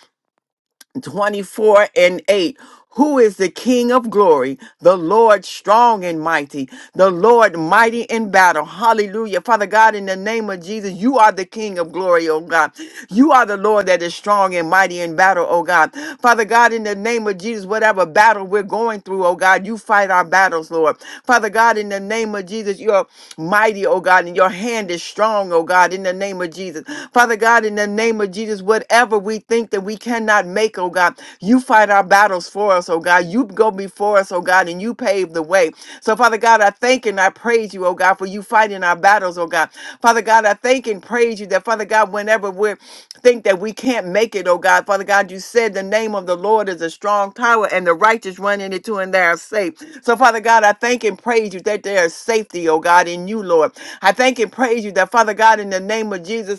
F: 24 and 8. Who is the King of glory? The Lord strong and mighty. The Lord mighty in battle. Hallelujah. Father God, in the name of Jesus, you are the King of glory, oh God. You are the Lord that is strong and mighty in battle, oh God. Father God, in the name of Jesus, whatever battle we're going through, oh God, you fight our battles, Lord. Father God, in the name of Jesus, you're mighty, oh God, and your hand is strong, oh God, in the name of Jesus. Father God, in the name of Jesus, whatever we think that we cannot make, oh God. You fight our battles for us, oh God. You go before us, oh God, and you pave the way. So, Father God, I thank and I praise you, oh God, for you fighting our battles, oh God. Father God, I thank and praise you that, Father God, whenever we think that we can't make it, oh God, Father God, you said the name of the Lord is a strong tower and the righteous run into it too and they are safe. So, Father God, I thank and praise you that there is safety, oh God, in you, Lord. I thank and praise you that, Father God, in the name of Jesus,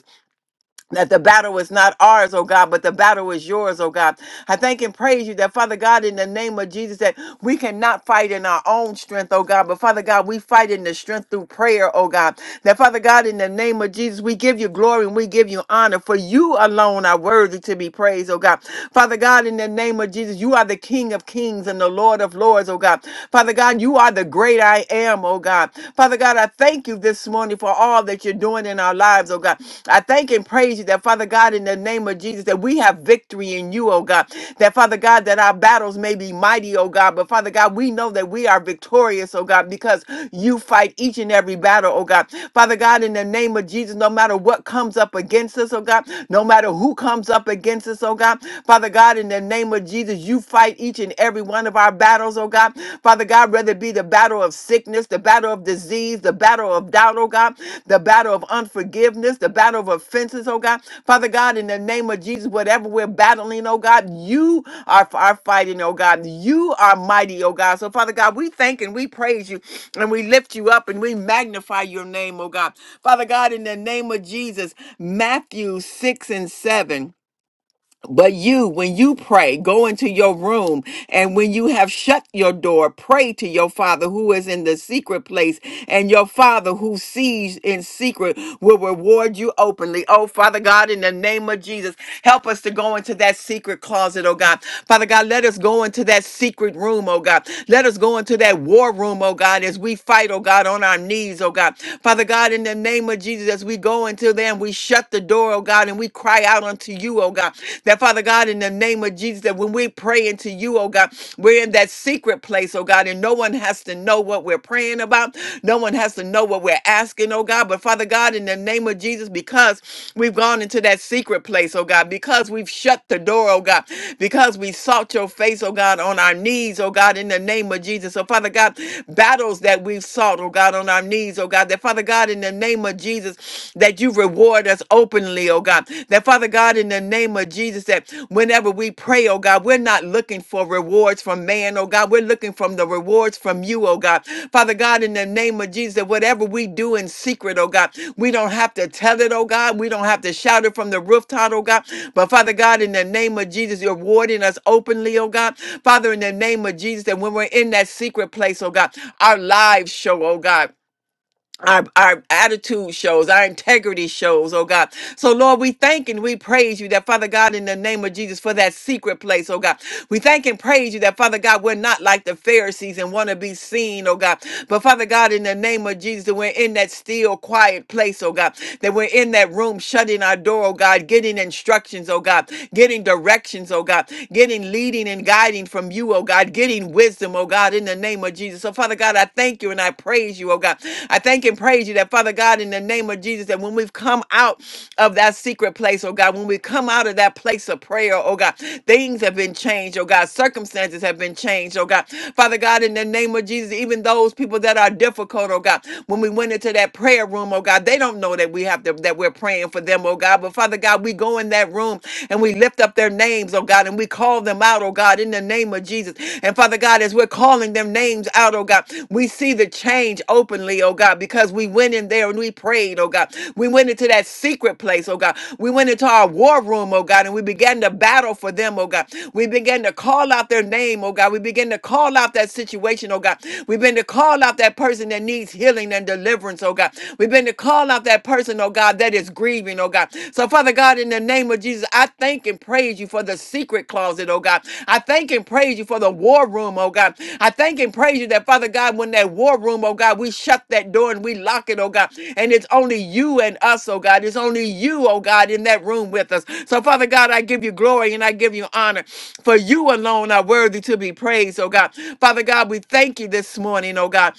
F: that the battle is not ours, oh God, but the battle is yours, oh God. I thank and praise you that, Father God, in the name of Jesus, that we cannot fight in our own strength, oh God, but Father God, we fight in the strength through prayer, oh God. That, Father God, in the name of Jesus, we give you glory and we give you honor, for you alone are worthy to be praised, oh God. Father God, in the name of Jesus, you are the King of kings and the Lord of lords, oh God. Father God, you are the great I am, oh God. Father God, God, I thank you this morning for all that you're doing in our lives, oh God. I thank and praise you that, Father God, in the name of Jesus, that we have victory in you, oh God. That, Father God, that our battles may be mighty, oh God. But, Father God, we know that we are victorious, oh God, because you fight each and every battle, oh God. Father God, in the name of Jesus, no matter what comes up against us, oh God, no matter who comes up against us, oh God, Father God, in the name of Jesus, you fight each and every one of one of our battles, oh God. Father God, whether it be the battle of sickness, the battle of disease, the battle of doubt, oh God, the battle of unforgiveness, the battle of offenses, oh God. Father God, in the name of Jesus, whatever we're battling, oh God, you are, are fighting, oh God. You are mighty, oh God. So, Father God, we thank and we praise you and we lift you up and we magnify your name, oh God. Father God, in the name of Jesus, Matthew 6 and 7. But you, when you pray, go into your room, and when you have shut your door, pray to your Father who is in the secret place, and your Father who sees in secret will reward you openly. Oh, Father God, in the name of Jesus, help us to go into that secret closet, oh God. Father God, let us go into that secret room, oh God. Let us go into that war room, oh God, as we fight, oh God, on our knees, oh God. Father God, in the name of Jesus, as we go into there and we shut the door, oh oh God, and we cry out unto you, oh God. That Father God, in the name of Jesus, that when we pray into you, oh God, we're in that secret place, oh God, and no one has to know what we're praying about. No one has to know what we're asking, oh God. But Father God, in the name of Jesus, because we've gone into that secret place, oh God, because we've shut the door, oh God, because we sought your face, oh God, on our knees, oh God, in the name of Jesus. So, Father God, battles that we've sought, oh God, on our knees, oh God, that Father God, in the name of Jesus. Jesus, that you reward us openly, oh God. That Father God, in the name of Jesus, that whenever we pray, oh God, we're not looking for rewards from man, oh God. We're looking from the rewards from you, oh God. Father God, in the name of Jesus, that whatever we do in secret, oh God, we don't have to tell it, oh God. We don't have to shout it from the rooftop, oh God. But Father God, in the name of Jesus, you're rewarding us openly, oh God. Father, in the name of Jesus, that when we're in that secret place, oh God, our lives show, oh God our, our attitude shows, our integrity shows, oh God. So, Lord, we thank and we praise you that, Father God, in the name of Jesus, for that secret place, oh God. We thank and praise you that, Father God, we're not like the Pharisees and want to be seen, oh God. But, Father God, in the name of Jesus, that we're in that still, quiet place, oh God. That we're in that room, shutting our door, oh God, getting instructions, oh God, getting directions, oh God, getting leading and guiding from you, oh God, getting wisdom, system, oh God, in the name of Jesus. So, Father God, I thank you and I praise you, oh God. I thank and praise you that, Father God, in the name of Jesus, that when we've come out of that secret place, oh God, when we come out of that place of prayer, oh God, things have been changed, oh God, circumstances have been changed, oh God. Father God, in the name of Jesus, even those people that are difficult, oh God, when we went into that prayer room, oh God, they don't know that we have to, that we're praying for them, oh God. But Father God, we go in that room and we lift up their up their names, oh God, and we call them out, oh God, in the name of Jesus. And Father God, as we're calling them names out, oh God, we see the change openly, oh God, because we went in there and we prayed, oh God. We went into that secret place, oh God. We went into our war room, oh God, and we began to battle for them, oh God. We began to call out their name, oh God. We began to call out that situation, oh God. We began to call out that person that needs healing and deliverance, oh God. We began to call out that person, oh God oh God, that is grieving, oh God. So, Father God, in the name of Jesus, I thank and praise you for the secret closet, oh God. I thank and praise you for the war room, oh God. I thank and praise you that, Father God, when that war room, oh God, we shut that door and we lock it, oh God. And it's only you and us, oh God. It's only you, oh God, in that room with us. So, Father God, I give you glory and I give you honor. For you alone are worthy to be praised, oh God. Father God, we thank you this morning, oh God.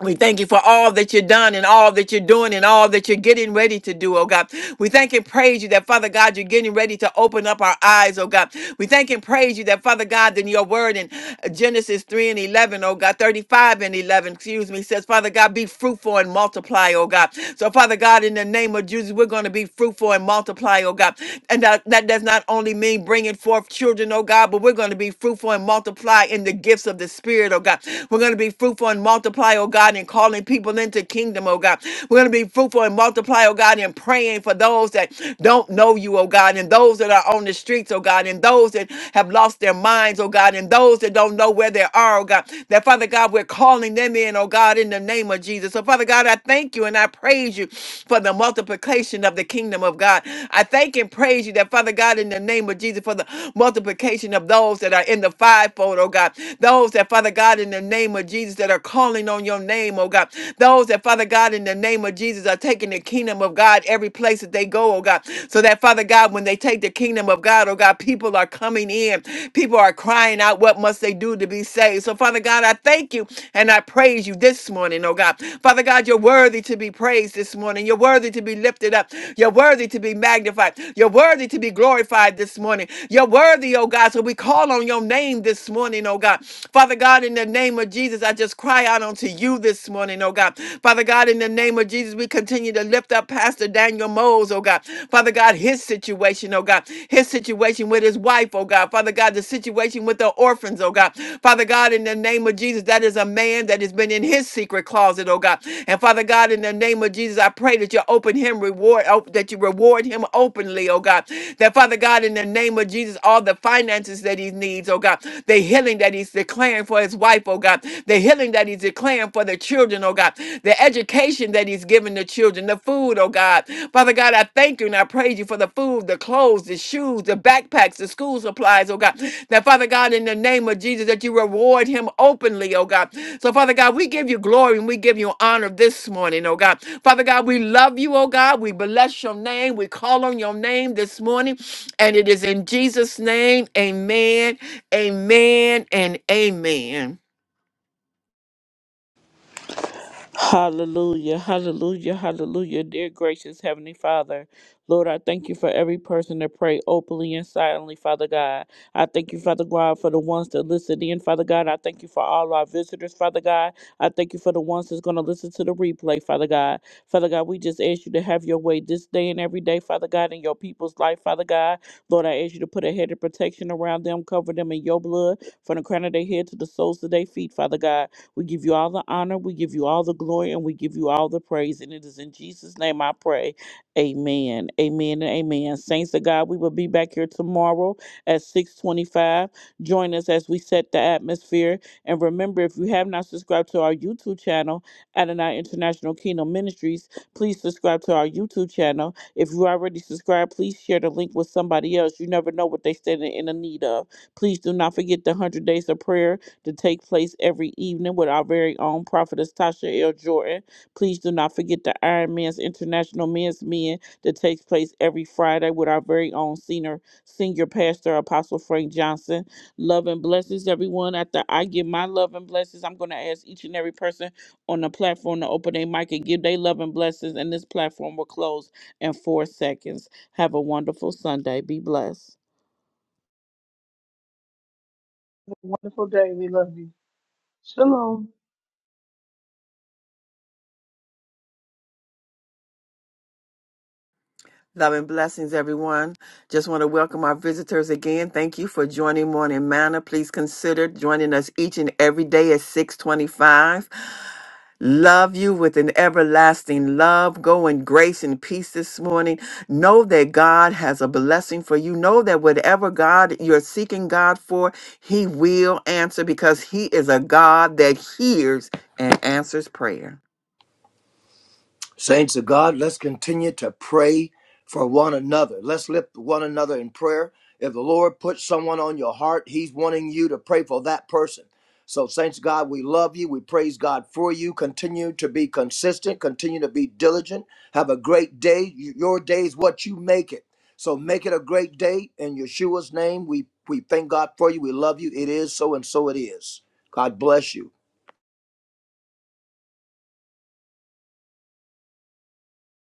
F: We thank you for all that you've done and all that you're doing and all that you're getting ready to do, oh God. We thank and praise you that, Father God, you're getting ready to open up our eyes, oh God. We thank and praise you that, Father God, in your word in uh, Genesis 3 and 11, O God, 35 and 11, excuse me, says, Father God, be fruitful and multiply, oh God. So, Father God, in the name of Jesus, we're going to be fruitful and multiply, oh God. And that, that does not only mean bringing forth children, oh God, but we're going to be fruitful and multiply in the gifts of the Spirit, oh God. We're going going to be fruitful and multiply, oh God, in calling people into kingdom, oh God. We're going to be fruitful and multiply, oh God, in praying for those that don't know you, oh God, and those that are on the streets, oh God, and those that have lost their minds, oh God, and those that don't know where they are, oh God. That Father God, we're calling them in, oh God, in the name of Jesus. So Father God, I thank you and I praise you for the multiplication of the kingdom of God. I thank and praise you that Father God, in the name of Jesus, for the multiplication of those that are in the fivefold, oh God. Those that, Father God, in the name of Jesus, that are calling on your name, oh God. Those that, Father God, in the name of Jesus, are taking the kingdom of God every place that they go, oh God. So that, Father God, when they take the kingdom of God, oh God, people are coming in. People are crying out, what must they do to be saved? So, Father God, I thank you and I praise you this morning, oh God. Father God, you're worthy to be praised this morning. You're worthy to be lifted up. You're worthy to be magnified. You're worthy to be glorified this morning. You're worthy, oh God. So we call on your your name this morning, oh God. Father God, in the name of Jesus, I just cry out unto you this morning, oh God. Father God, in the name of Jesus, we continue to lift up Pastor Daniel Mose, oh God. Father God, his situation, oh God. His situation with his wife, oh God. Father God, the situation with the orphans, oh God. Father God, in the name of Jesus, that is a man that has been in his secret closet, oh God. And Father God, in the name of Jesus, I pray that you open him reward, oh, that you reward him openly, oh God. That Father God, in the name of Jesus, all the finances that he needs, oh God. The healing that he's declaring for his wife, oh God. The healing that he's declaring for the children, oh God. The education that he's giving the children, the food, oh God. Father God, I thank you and I praise you for the food, the clothes, the shoes, the backpacks, the school supplies, oh God. Now, Father God, in the name of Jesus, that you reward him openly, oh God. So, Father God, we give you glory and we give you honor this morning, oh God. Father God, we love you, oh God. We bless your name. We call on your name this morning. And it is in Jesus' name, amen, amen, and amen.
A: Hallelujah, hallelujah, hallelujah. Dear gracious Heavenly Father, Lord, I thank you for every person that prayed openly and silently, Father God. I thank you, Father God, for the ones that listened in, Father God. I thank you for all our visitors, Father God. I thank you for the ones that's going to listen to the replay, Father God. Father God, we just ask you to have your way this day and every day, Father God, in your people's life, Father God. Lord, I ask you to put a head of protection around them, cover them in your blood, from the crown of their head to the soles of their feet, Father God. We give you all the honor, we give you all the glory, and we give you all the praise. And it is in Jesus' name I pray. Amen. Amen and amen. Saints of God, we will be back here tomorrow at 625. Join us as we set the atmosphere. And remember, if you have not subscribed to our YouTube channel, Adonai International Kingdom Ministries, please subscribe to our YouTube channel. If you already subscribed, please share the link with somebody else. You never know what they stand in the need of. Please do not forget the 100 days of prayer to take place every evening with our very own prophetess Tasha L. Jordan. Please do not forget the Iron Man's International Men's Men that takes place every Friday with our very own senior senior pastor Apostle Frank Johnson. Love and blessings, everyone. After I give my love and blessings, I'm going to ask each and every person on the platform to open their mic and give their love and blessings, and this platform will close in four seconds. Have a wonderful Sunday. Be blessed.
D: Wonderful day. We love you. Shalom.
F: Love and blessings, everyone. Just want to welcome our visitors again. Thank you for joining Morning Manna. Please consider joining us each and every day at 625. Love you with an everlasting love. Go in grace and peace this morning. Know that God has a blessing for you. Know that whatever God you're seeking God for, He will answer because He is a God that hears and answers prayer.
E: Saints of God, let's continue to pray for one another. Let's lift one another in prayer. If the Lord puts someone on your heart, He's wanting you to pray for that person. So, Saints of God, we love you. We praise God for you. Continue to be consistent, continue to be diligent. Have a great day. Your day is what you make it. So, make it a great day. In Yeshua's name, we, we thank God for you. We love you. It is so, and so it is. God bless you.